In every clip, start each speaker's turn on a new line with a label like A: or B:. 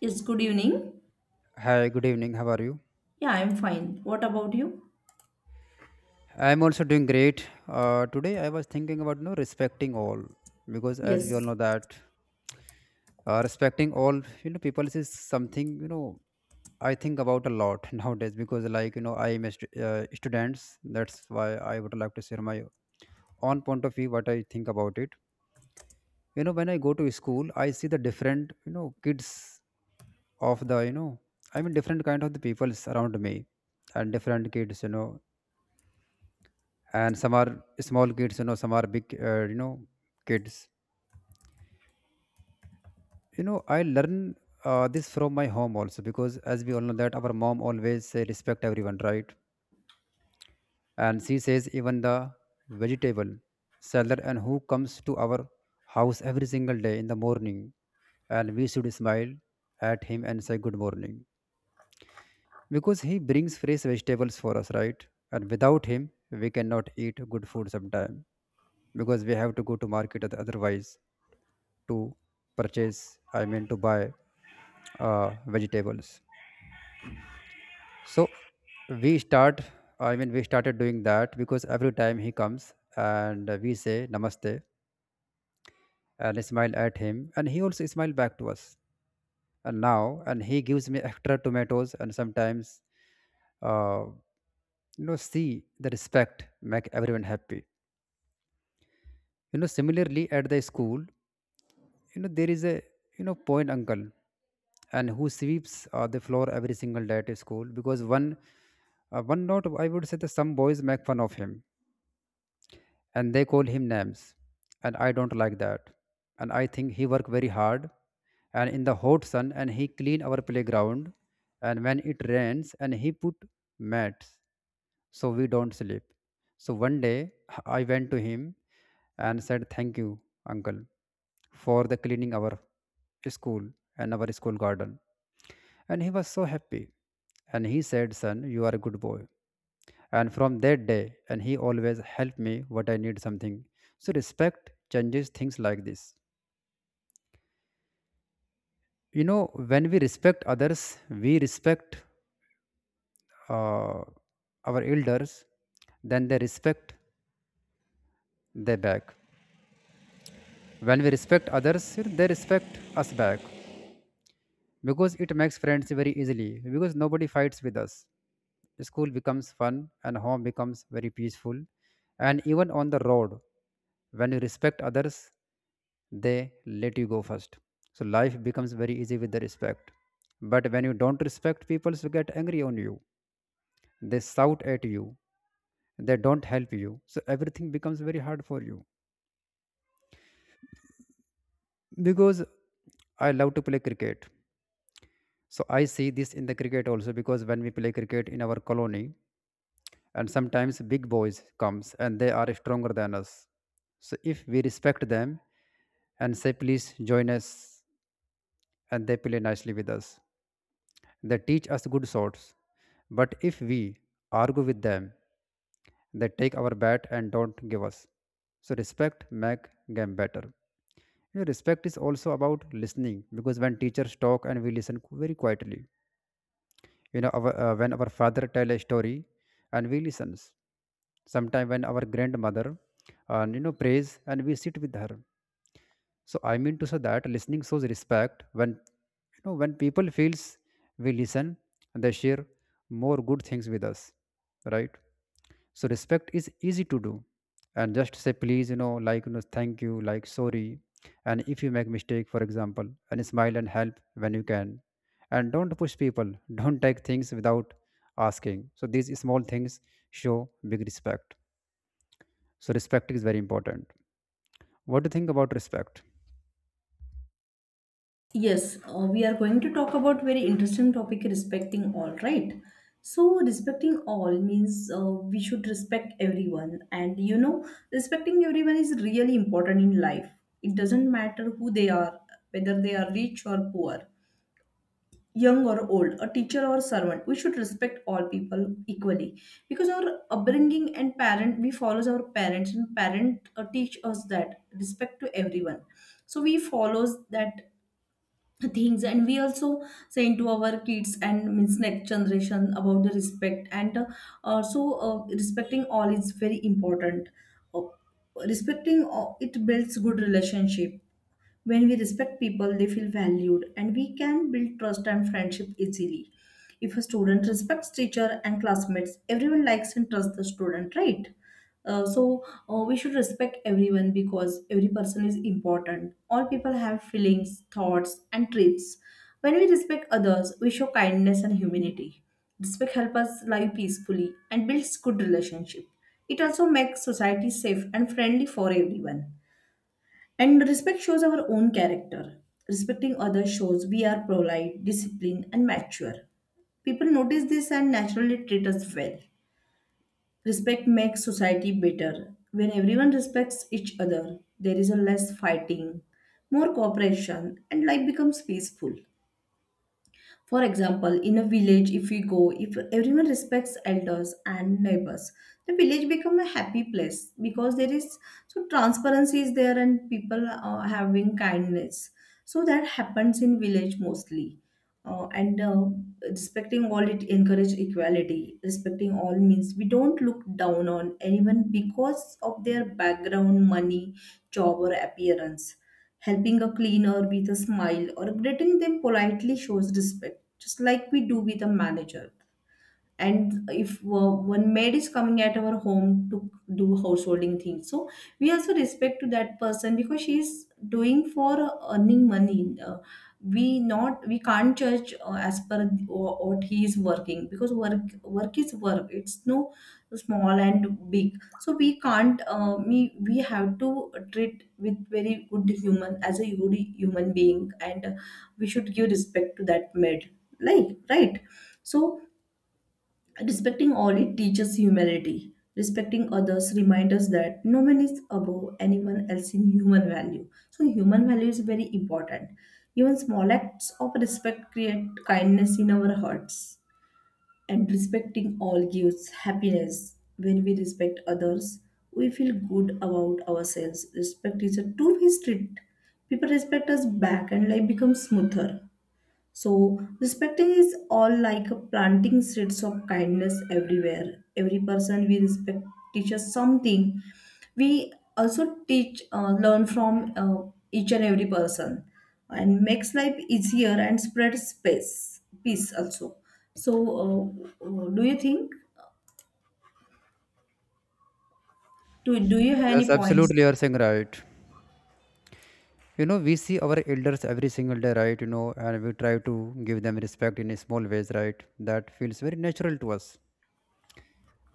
A: Yes, good evening.
B: Hi, good evening. How are you?
A: Yeah, I'm fine. What about you?
B: I'm also doing great. Today I was thinking about respecting all because as we all
A: Yes.
B: know that respecting all people is something I think about a lot nowadays because I am a students. That's why I would like to share my own point of view what I think about it. You know when I go to school, I see the different kids of the I mean different kind of the peoples around me and different kids, and some are small kids, some are big kids. I learn this from my home also because as we all know that our mom always say respect everyone, right? And she says even the vegetable seller and who comes to our house every single day in the morning and we should smile at him and say good morning because he brings fresh vegetables for us, right? And without him we cannot eat good food sometime because we have to go to market otherwise to purchase, to buy uh, vegetables. So we start, we started doing that because every time he comes and we say namaste and smile at him and he also smile back to us. And now and he gives me extra tomatoes and sometimes uh, see, the respect make everyone happy. Similarly at the school, you know, there is a, you know, point uncle and who sweeps the floor every single day at school because one note, I would say that some boys make fun of him and they call him names. And I don't like that. And I think he work very hard and in the hot sun and he clean our playground and when it rains and he put mats so we don't sleep. So one day I went to him and said, Thank you, uncle, for the cleaning our school and our school garden. And he was so happy. And he said, Son, you are a good boy. And from that day, and he always helped me what I need something. So respect changes things like this. You know, when we respect others, we respect uh, our elders, then they respect their back. When we respect others, they respect us back because it makes friends very easily because nobody fights with us. School becomes fun and home becomes very peaceful. And even on the road, when you respect others, they let you go first. So life becomes very easy with the respect. But when you don't respect, people will get angry on you. They shout at you. They don't help you. So everything becomes very hard for you. Because I love to play cricket. So I see this in the cricket also because when we play cricket in our colony, and sometimes big boys comes and they are stronger than us. So if we respect them and say please join us, and they play nicely with us, they teach us good shots. But if we argue with them, they take our bat and don't give us. So respect make game better. You know, respect is also about listening because when teachers talk and we listen very quietly, our, when our father tell a story and we listens sometime when our grandmother and prays and we sit with her. So I mean to say that listening shows respect when, when people feels we listen, they share more good things with us, right? So respect is easy to do and just say please, thank you, like sorry, and if you make mistake, for example, and smile and help when you can and don't push people don't take things without asking. So these small things show big respect. So respect is very important. What do you think about respect?
A: Yes, we are going to talk about very interesting topic respecting all, right? So respecting all means we should respect everyone, and you know respecting everyone is really important in life. It doesn't matter who they are, whether they are rich or poor, young or old, a teacher or servant. We should respect all people equally because our upbringing and parent, we follows our parents, and parent teach us that respect to everyone. So we follows that things, and we also saying to our kids and means next generation about the respect and respecting all is very important. Uh, Respecting it builds good relationship. When we respect people, they feel valued, and we can build trust and friendship easily. If a student respects teacher and classmates, everyone likes and trusts the student, right? We should respect everyone because every person is important. All people have feelings, thoughts, and traits. When we respect others, we show kindness and humanity. Respect helps us live peacefully and builds good relationship. It also makes society safe and friendly for everyone. And respect shows our own character. Respecting others shows we are polite, disciplined, and mature. People notice this and naturally treat us well. Respect makes society better. When everyone respects each other, there is a less fighting, more cooperation, and life becomes peaceful. For example, in a village, if we go, if everyone respects elders and neighbors, the village become a happy place because there is so transparency is there and people are having kindness. So that happens in village mostly. And Respecting all, it encourage equality. Respecting all means we don't look down on anyone because of their background, money, job, or appearance. Helping a cleaner with a smile or greeting them politely shows respect, just like we do with a manager. And if one maid is coming at our home to do householding things, so we also respect to that person because she is doing for earning money. We not, we can't judge as per what he is working because work is work. It's no small and big. So we can't we have to treat with very good human as a good human being, and we should give respect to that maid, like, right? So respecting all, it teaches humility. Respecting others reminds us that no man is above anyone else in human value. So human value is very important. Even small acts of respect create kindness in our hearts. And respecting all gives happiness. When we respect others, we feel good about ourselves. Respect is a two-way street. People respect us back and life becomes smoother. So respecting is all like planting seeds of kindness everywhere. Every person we respect teaches something. We also teach, learn from each and every person, and makes life easier and spreads space, peace also. So, do you think? Do you have
B: Yes,
A: any points?
B: absolutely, you are saying right. You know we see our elders every single day, right? And we try to give them respect in small ways, right? That feels very natural to us,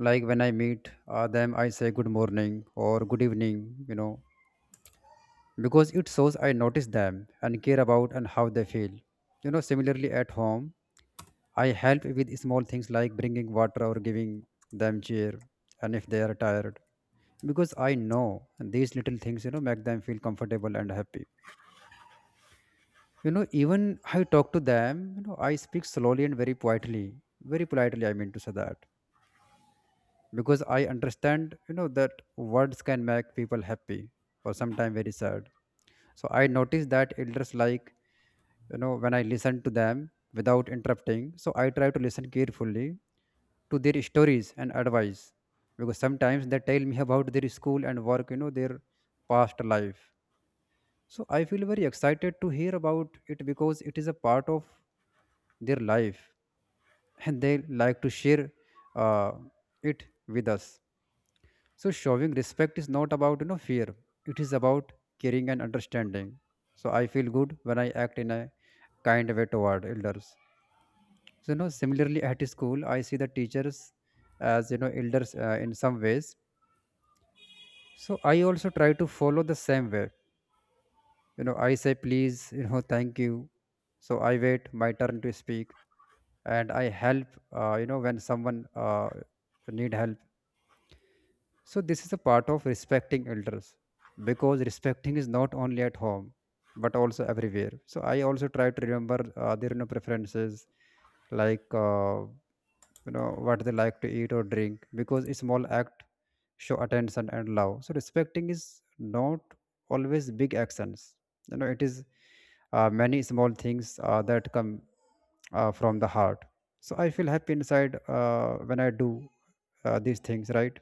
B: like when I meet them, I say good morning or good evening, because it shows I notice them and care about and how they feel. Similarly at home, I help with small things like bringing water or giving them cheer and if they are tired because I know these little things, make them feel comfortable and happy. Even I talk to them, I speak slowly and very quietly, very politely. I mean to say that Because I understand, that words can make people happy or sometimes very sad. So I notice that elders like, when I listen to them without interrupting, so I try to listen carefully to their stories and advice because sometimes they tell me about their school and work, their past life. So I feel very excited to hear about it because it is a part of their life and they like to share uh, it with us. So showing respect is not about, fear. It is about caring and understanding. So I feel good when I act in a kind way toward elders. So similarly at school I see the teachers as, elders in some ways. So I also try to follow the same way. You know I say please, thank you. So I wait my turn to speak and I help. When someone need help, so this is a part of respecting elders because respecting is not only at home but also everywhere. So I also try to remember their, preferences, like what they like to eat or drink, because a small act show attention and love. So respecting is not always big actions. You know it is many small things that come from the heart. So I feel happy inside when I do these things, right?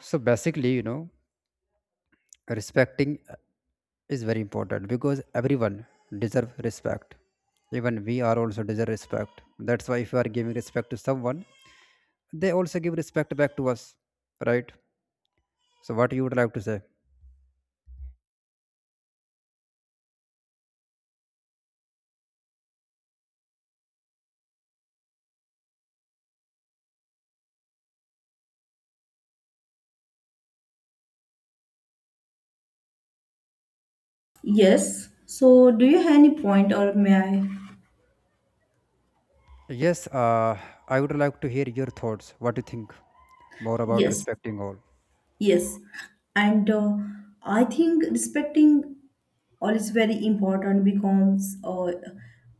B: So basically, you know, respecting is very important because everyone deserve respect. Even we are also deserve respect. That's why if you are giving respect to someone, they also give respect back to us, right? So what you would like to say?
A: Yes. So, do you have any point, or may I?
B: Yes, I would like to hear your thoughts. What do you think more about
A: Yes,
B: respecting all?
A: yes. And I think respecting all is very important because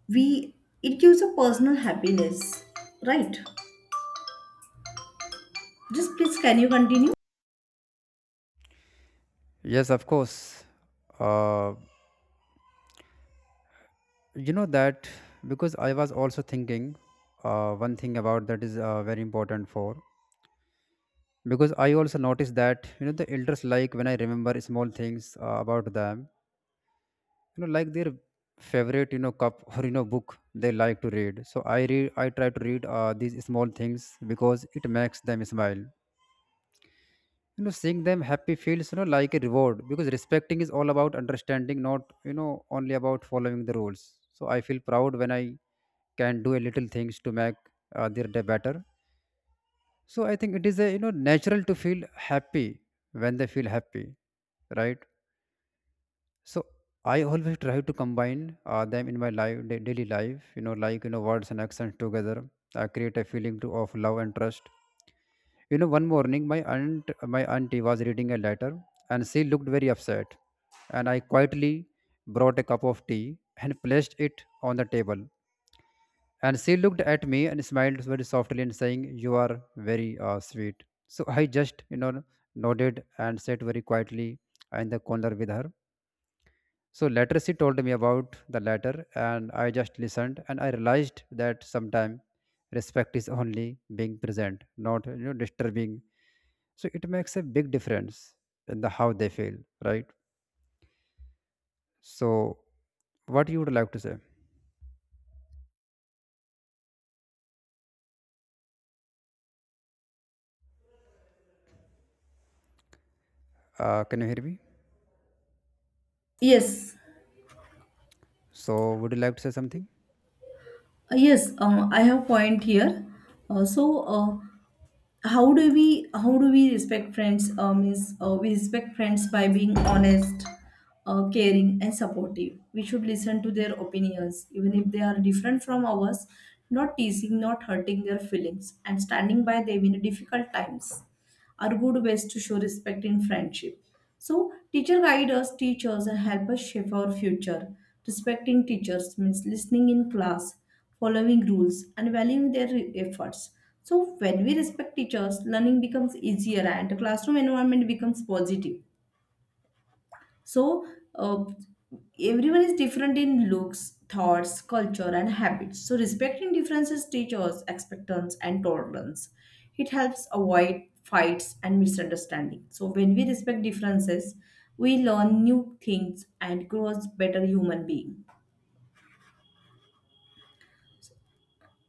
A: we, it gives a personal happiness, right? Just please, can you continue?
B: Yes, of course. Uh, you know that because I was also thinking one thing about that is very important for because I also noticed that, the elders like when I remember small things about them, like their favorite, cup or, book they like to read. So I try to read these small things because it makes them smile. You know seeing them happy feels, like a reward because respecting is all about understanding, not, only about following the rules. So I feel proud when I can do a little things to make their day better. So I think it is a, natural to feel happy when they feel happy, right? So I always try to combine them in my life, daily life. You know, words and actions together create a feeling to, of love and trust. You know, one morning my aunt, my auntie was reading a letter, and she looked very upset. And I quietly brought a cup of tea and placed it on the table and she looked at me and smiled very softly and saying, "You are very sweet." So I just, you know, nodded and sat very quietly in the corner with her. So later she told me about the letter, and I just listened, and I realized that sometimes respect is only being present, not, disturbing. So it makes a big difference in the how they feel, right? So what you would like to say? Can you hear me?
A: Yes.
B: So would you like to say something?
A: Yes, I have point here. uh, so uh, how do we, how do we respect friends? Is we respect friends by being honest, caring and supportive. We should listen to their opinions even if they are different from ours. Not teasing, not hurting their feelings, and standing by them in difficult times are good ways to show respect in friendship. So, teacher guide us, teach us, and help us shape our future. Respecting teachers means listening in class, following rules, and valuing their efforts. So, when we respect teachers, learning becomes easier and the classroom environment becomes positive. So, uh, everyone is different in looks, thoughts, culture, and habits. So, respecting differences teaches us expectance and tolerance. It helps avoid fights and misunderstanding. So, when we respect differences, we learn new things and grow as better human being.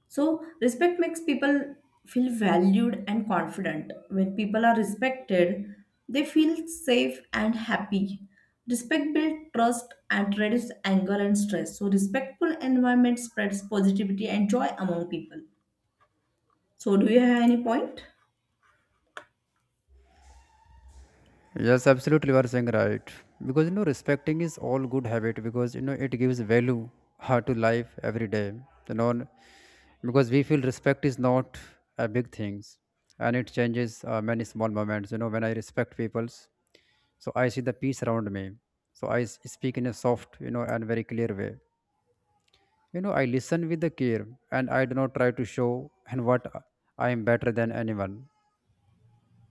A: So, respect makes people feel valued and confident. When people are respected, they feel safe and happy. Respect builds trust and reduces anger and stress. So, respectful environment spreads positivity and joy among people. So, do you have any point?
B: Yes, absolutely, you are saying right. Because, respecting is all good habit because, it gives value to life every day. You know, because we feel respect is not a big things, and it changes many small moments. You know, when I respect people's, so I see the peace around me. So I speak in a soft, you know, and very clear way. You know, I listen with the care, and I do not try to show and what I am better than anyone.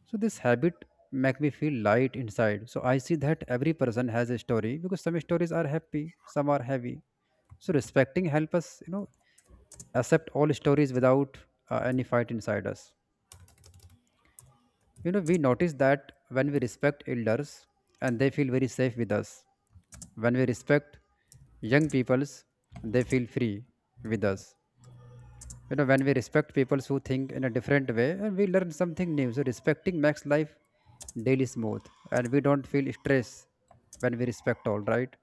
B: So this habit make me feel light inside. So I see that every person has a story, because some stories are happy, some are heavy. So respecting help us, you know, accept all stories without any fight inside us. You know, we notice that when we respect elders and they feel very safe with us. When we respect young peoples, they feel free with us. You know, when we respect people who think in a different way, and we learn something new. So respecting makes life daily smooth, and we don't feel stress when we respect, all right?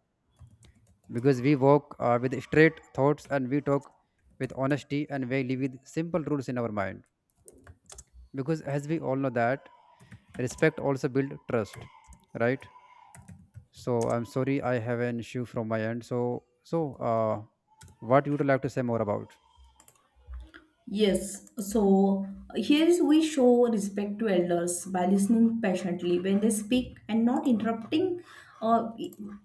B: Because we walk with straight thoughts, and we talk with honesty, and we live with simple rules in our mind. Because as we all know that respect also build trust, right? So I'm sorry, I have an issue from my end. So so uh, what you would like to say more about?
A: Yes, so here is we show respect to elders by listening patiently when they speak and not interrupting uh,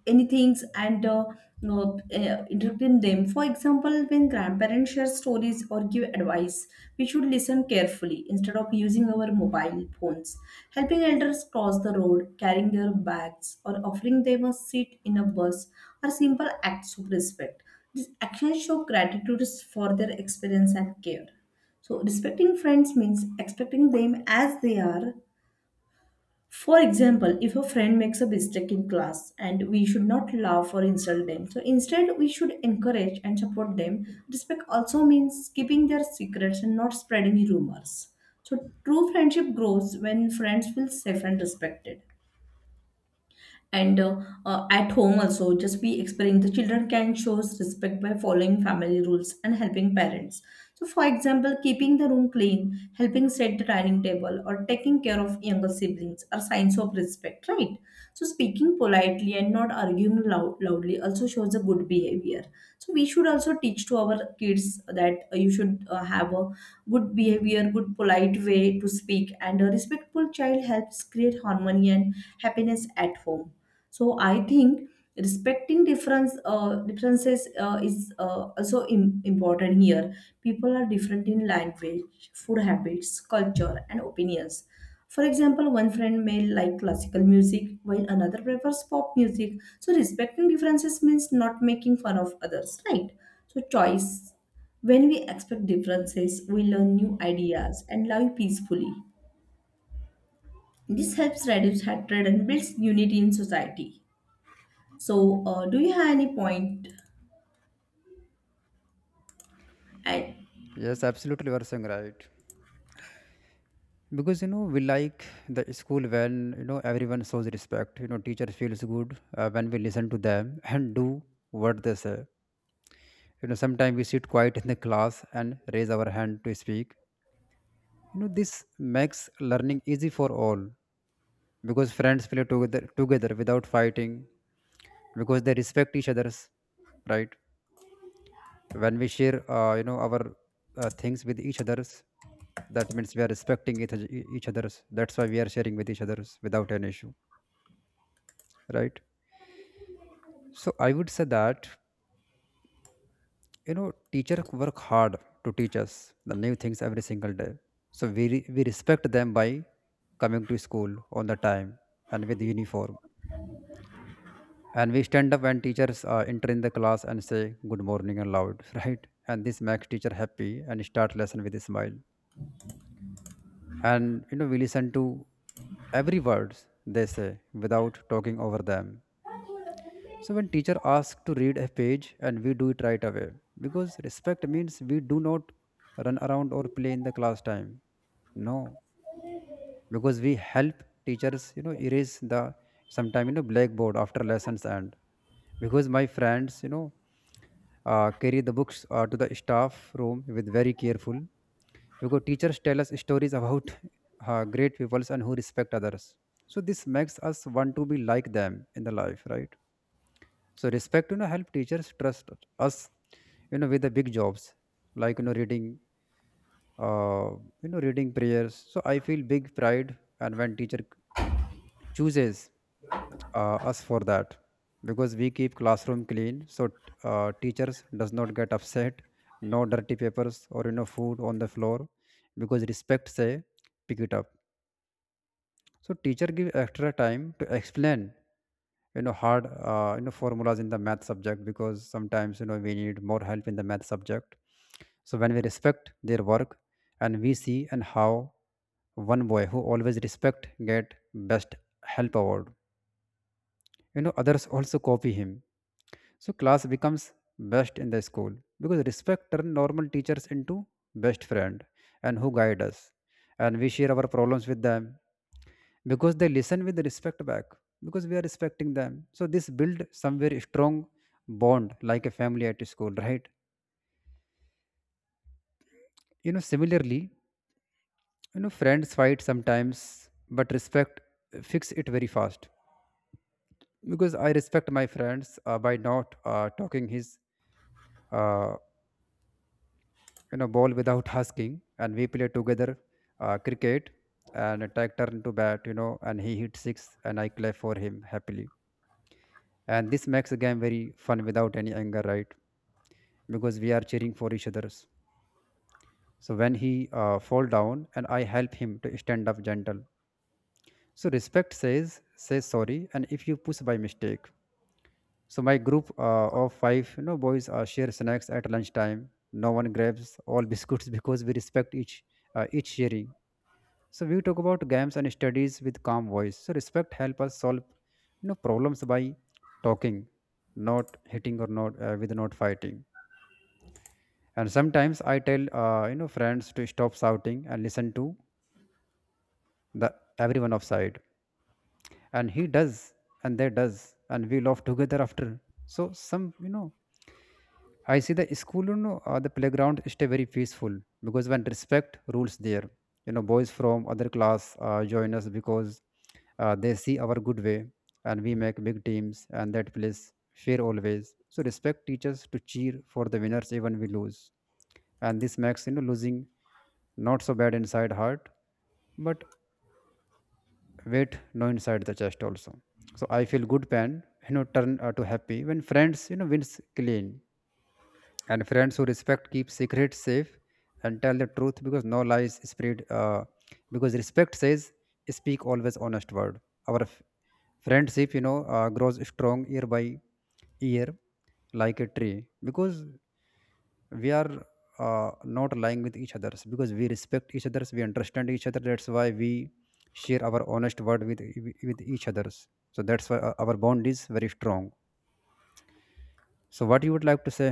A: anything and no, interrupting them. For example, when grandparents share stories or give advice, we should listen carefully instead of using our mobile phones. Helping elders cross the road, carrying their bags, or offering them a seat in a bus are simple acts of respect. These actions show gratitude for their experience and care. So, respecting friends means expecting them as they are. For example, if a friend makes a mistake in class, and we should not laugh or insult them, so instead we should encourage and support them. Respect also means keeping their secrets and not spreading rumors. So, true friendship grows when friends feel safe and respected, and at home also, just be explaining, the children can shows respect by following family rules and helping parents. So for example, keeping the room clean, helping set the dining table, or taking care of younger siblings are signs of respect, right? So speaking politely and not arguing loudly also shows a good behavior. So we should also teach to our kids that you should have a good behavior, good polite way to speak, and a respectful child helps create harmony and happiness at home. So I think respecting difference, differences is also important here. People are different in language, food, habits, culture, and opinions. For example, one friend may like classical music while another prefers pop music. So respecting differences means not making fun of others, right? So choice. When we expect differences, we learn new ideas and live peacefully. This helps reduce hatred and builds unity in society. So, do you have any point? I,
B: Yes, absolutely, you are saying right. Because you know, we like the school when, you know, everyone shows respect. You know, teacher feels good when we listen to them and do what they say. You know, sometimes we sit quiet in the class and raise our hand to speak. You know, this makes learning easy for all, because friends play together without fighting, because they respect each other's, right? When we share you know, our things with each other's, that means we are respecting each other's. That's why we are sharing with each other's without an issue, right? So I would say that, you know, teacher work hard to teach us the new things every single day. So we respect them by coming to school on the time and with uniform, and we stand up when teachers enter in the class and say good morning and loud, right? And this makes teacher happy and start lesson with a smile. And you know, we listen to every words they say without talking over them. So when teacher asks to read a page, and we do it right away, because respect means we do not run around or play in the class time. No, because we help teachers, you know, erase the sometime, you know, blackboard after lessons end. Because my friends, you know, carry the books to the staff room with very careful, because teachers tell us stories about great peoples and who respect others. So this makes us want to be like them in the life, right? So respect, you know, help teachers trust us, you know, with the big jobs like, you know, reading, uh, you know, reading prayers. So I feel big pride, and when teacher chooses us for that, because we keep classroom clean, so teachers does not get upset, no dirty papers or, you know, food on the floor, because respect say pick it up. So teacher give extra time to explain, you know, hard you know, formulas in the math subject, because sometimes, you know, we need more help in the math subject. So when we respect their work, and we see and how one boy who always respect get best help award, you know, others also copy him. So class becomes best in the school, because respect turn normal teachers into best friend and who guide us, and we share our problems with them, because they listen with respect back, because we are respecting them. So this build somewhere strong bond like a family at school, right? You know, similarly, you know, friends fight sometimes, but respect fix it very fast, because I respect my friends by not talking his uh, you know, ball without asking, and we play together cricket and take turn to bat, you know, and he hit six and I clap for him happily. And this makes the game very fun without any anger, right? Because we are cheering for each others. So when he fall down, and I help him to stand up gentle. So respect says say sorry, and if you push by mistake. So my group of five, you know, boys share snacks at lunchtime. No one grabs all biscuits, because we respect each sharing. So we talk about games and studies with calm voice. So respect help us solve, you know, problems by talking, not hitting, or not with not fighting. And sometimes I tell, you know, friends to stop shouting and listen to the everyone offside, and he does, and they does, and we laugh together after. So some, you know, I see the school, you know, the playground is stay very peaceful, because when respect rules there, you know, boys from other class join us, because they see our good way, and we make big teams, and that place fair always. So respect teaches to cheer for the winners even we lose, and this makes, you know, losing not so bad inside heart, but weight no inside the chest also. So I feel good pain, you know, turn to happy when friends, you know, wins clean. And friends who respect keep secrets safe and tell the truth, because no lies spread, because respect says speak always honest word. our f- Friendship, you know, grows strong year by year like a tree, because we are not lying with each others, because we respect each others, we understand each other, that's why we share our honest word with each others. So that's why our bond is very strong. So what you would like to say?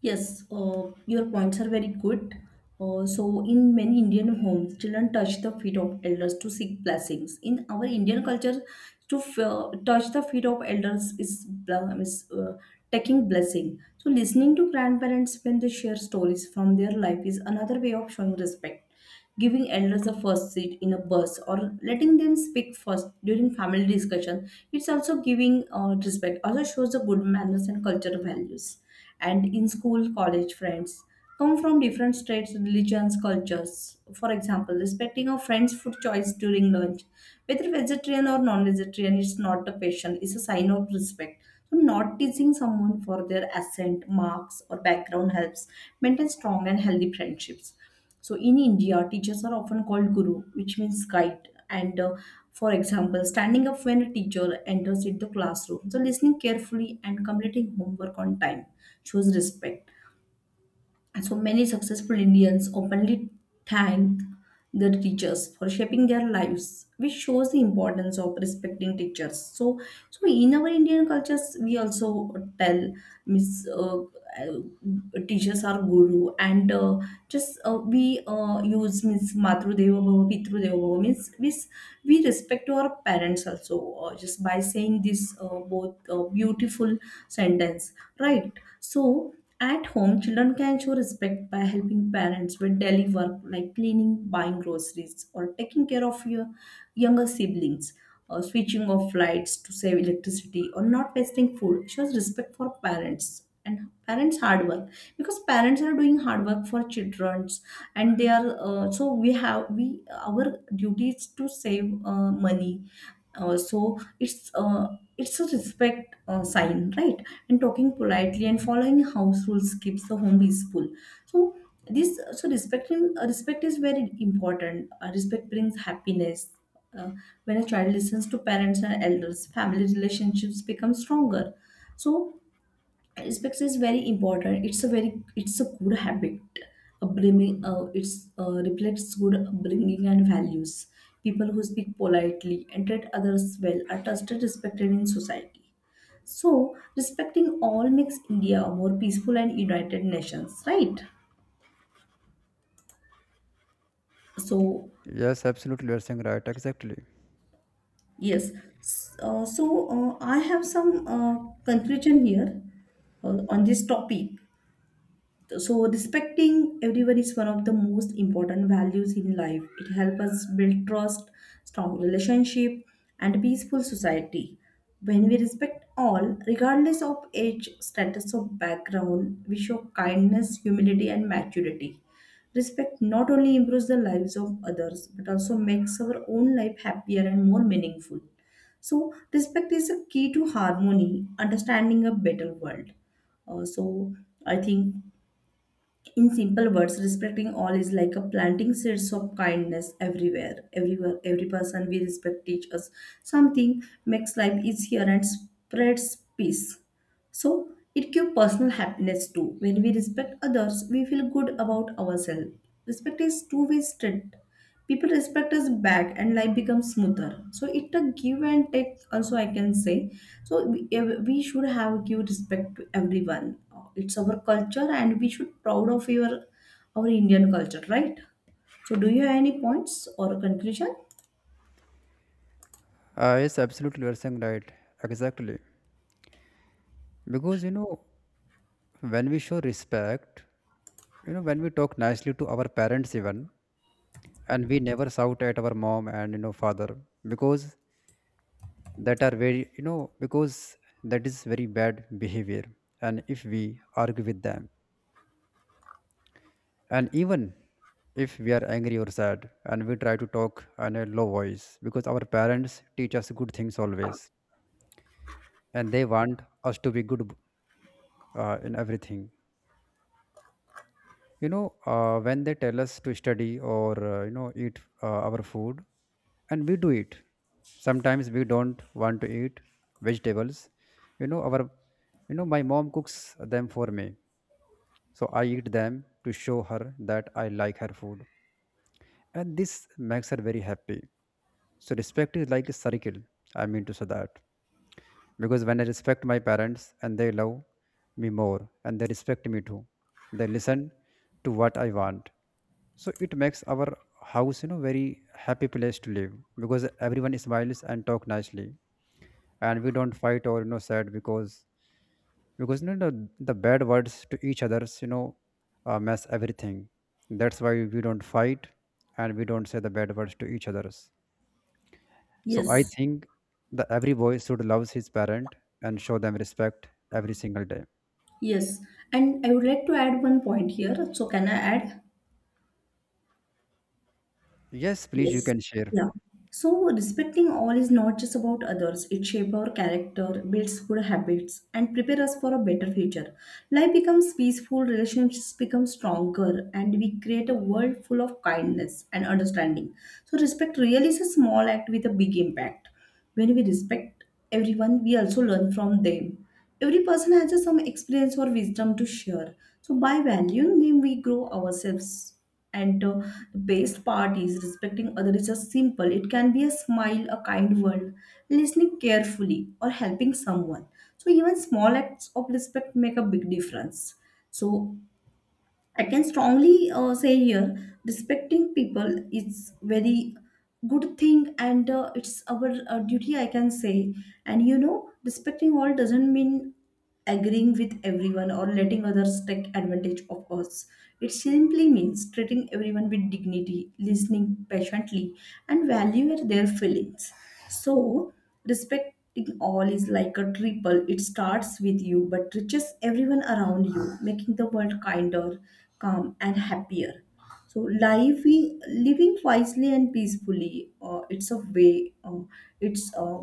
A: yes, your points are very good. So, in many Indian homes, children touch the feet of elders to seek blessings. In our Indian culture, to touch the feet of elders is, taking blessing. So, listening to grandparents when they share stories from their life is another way of showing respect. Giving elders a first seat in a bus or letting them speak first during family discussion, it's also giving respect, also shows the good manners and cultural values. And in school, college, friends come from different states, religions, cultures. For example, respecting a friend's food choice during lunch, whether vegetarian or non-vegetarian, it's not a passion, it's a sign of respect. So not teasing someone for their accent, marks, or background helps maintain strong and healthy friendships. So in India, teachers are often called guru, which means guide. And for example, standing up when a teacher enters into the classroom, so listening carefully and completing homework on time shows respect. And so many successful Indians openly thank their teachers for shaping their lives, which shows the importance of respecting teachers. So, so in our Indian cultures, we also tell Miss teachers are guru, and just we use Miss Matru Deva Bhava, Pitru Deva Bhava means this, we respect to our parents also just by saying this both beautiful sentence, right? So, at home, children can show respect by helping parents with daily work like cleaning, buying groceries, or taking care of your younger siblings, or switching off lights to save electricity, or not wasting food. Shows respect for parents and parents' hard work because parents are doing hard work for children, and they are so we have, we our duty is to save money, uh, so it's uh, it's a respect sign, right? And talking politely and following house rules keeps the home peaceful. So this, so respecting, respect is very important. Respect brings happiness. uh, when a child listens to parents and elders, family relationships become stronger. So respect is very important. It's a very, it's a good habit. Upbringing, it's reflects good upbringing and values. People who speak politely and treat others well are trusted, respected in society. So respecting all makes India a more peaceful and united nations, right? So
B: Yes, absolutely, you're saying right, exactly.
A: yes. So I have some conclusion here on this topic. So respecting everyone is one of the most important values in life. It helps us build trust, strong relationship, and peaceful society. When we respect all, regardless of age, status, or background, we show kindness, humility, and maturity. Respect not only improves the lives of others but also makes our own life happier and more meaningful. So, respect is a key to harmony, understanding a better world. So, I think in simple words, respecting all is like a planting seeds of kindness everywhere, everywhere every person we respect teach us something, makes life easier and spreads peace. So it gives personal happiness too. When we respect others, we feel good about ourselves. Respect is two-way street. People respect us back, and life becomes smoother. So it a give and take. Also, I can say. So we should have give respect to everyone. It's our culture, and we should proud of your our Indian culture, right? So do you have any points or conclusion?
B: Yes, absolutely, you're saying right, exactly. Because you know, when we show respect, you know, when we talk nicely to our parents even, and we never shout at our mom and, you know, father, because that are very, you know, because that is very bad behavior. And if we argue with them, and even if we are angry or sad, and we try to talk on a low voice, because our parents teach us good things always, and they want us to be good in everything. You know, when they tell us to study or, you know, eat our food, and we do it. Sometimes we don't want to eat vegetables, you know, our, you know, my mom cooks them for me. So I eat them to show her that I like her food. And this makes her very happy. So respect is like a circle. I mean to say that. Because when I respect my parents, and they love me more, and they respect me too. They listen to what I want. So it makes our house, you know, very happy place to live, because everyone smiles and talk nicely. And we don't fight or, you know, sad because you know, the bad words to each others, you know, mess everything. That's why we don't fight, and we don't say the bad words to each others. So I
A: Yes.
B: think that every boy should love his parent and show them respect every single day.
A: Yes. And I would like to add one point here. So can I add?
B: Yes, please, you
A: Yes.
B: can share.
A: Yeah. So respecting all is not just about others. It shapes our character, builds good habits, and prepares us for a better future. Life becomes peaceful, relationships become stronger, and we create a world full of kindness and understanding. So respect really is a small act with a big impact. When we respect everyone, we also learn from them. Every person has just some experience or wisdom to share. So by valuing them, we grow ourselves. And the best part is respecting others is just simple. It can be a smile, a kind word, listening carefully, or helping someone. So even small acts of respect make a big difference. So I can strongly say here, respecting people is very good thing, and it's our duty, I can say. And you know, respecting all doesn't mean agreeing with everyone or letting others take advantage of us. It simply means treating everyone with dignity, listening patiently, and valuing their feelings. So, respect it all is like a triple. It starts with you but reaches everyone around you, making the world kinder, calm, and happier. So, living wisely and peacefully, it's a way, it's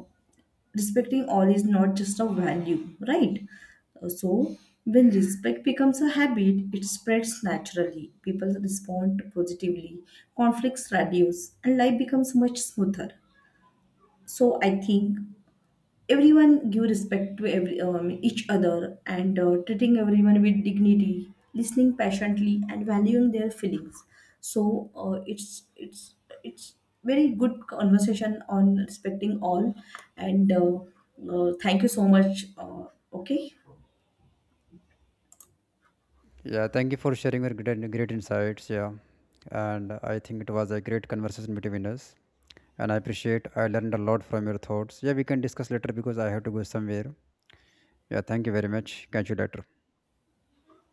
A: respecting all is not just a value, right? So, when respect becomes a habit, it spreads naturally. People respond positively, conflicts reduce, and life becomes much smoother. So, I think everyone give respect to every each other, and treating everyone with dignity, listening patiently, and valuing their feelings. So it's it's very good conversation on respecting all, and thank you so much, okay.
B: Yeah, thank you for sharing your great insights. Yeah. And I think it was a great conversation between us, and I appreciate, I learned a lot from your thoughts. Yeah, we can discuss later, because I have to go somewhere. Yeah, thank you very much, catch you later.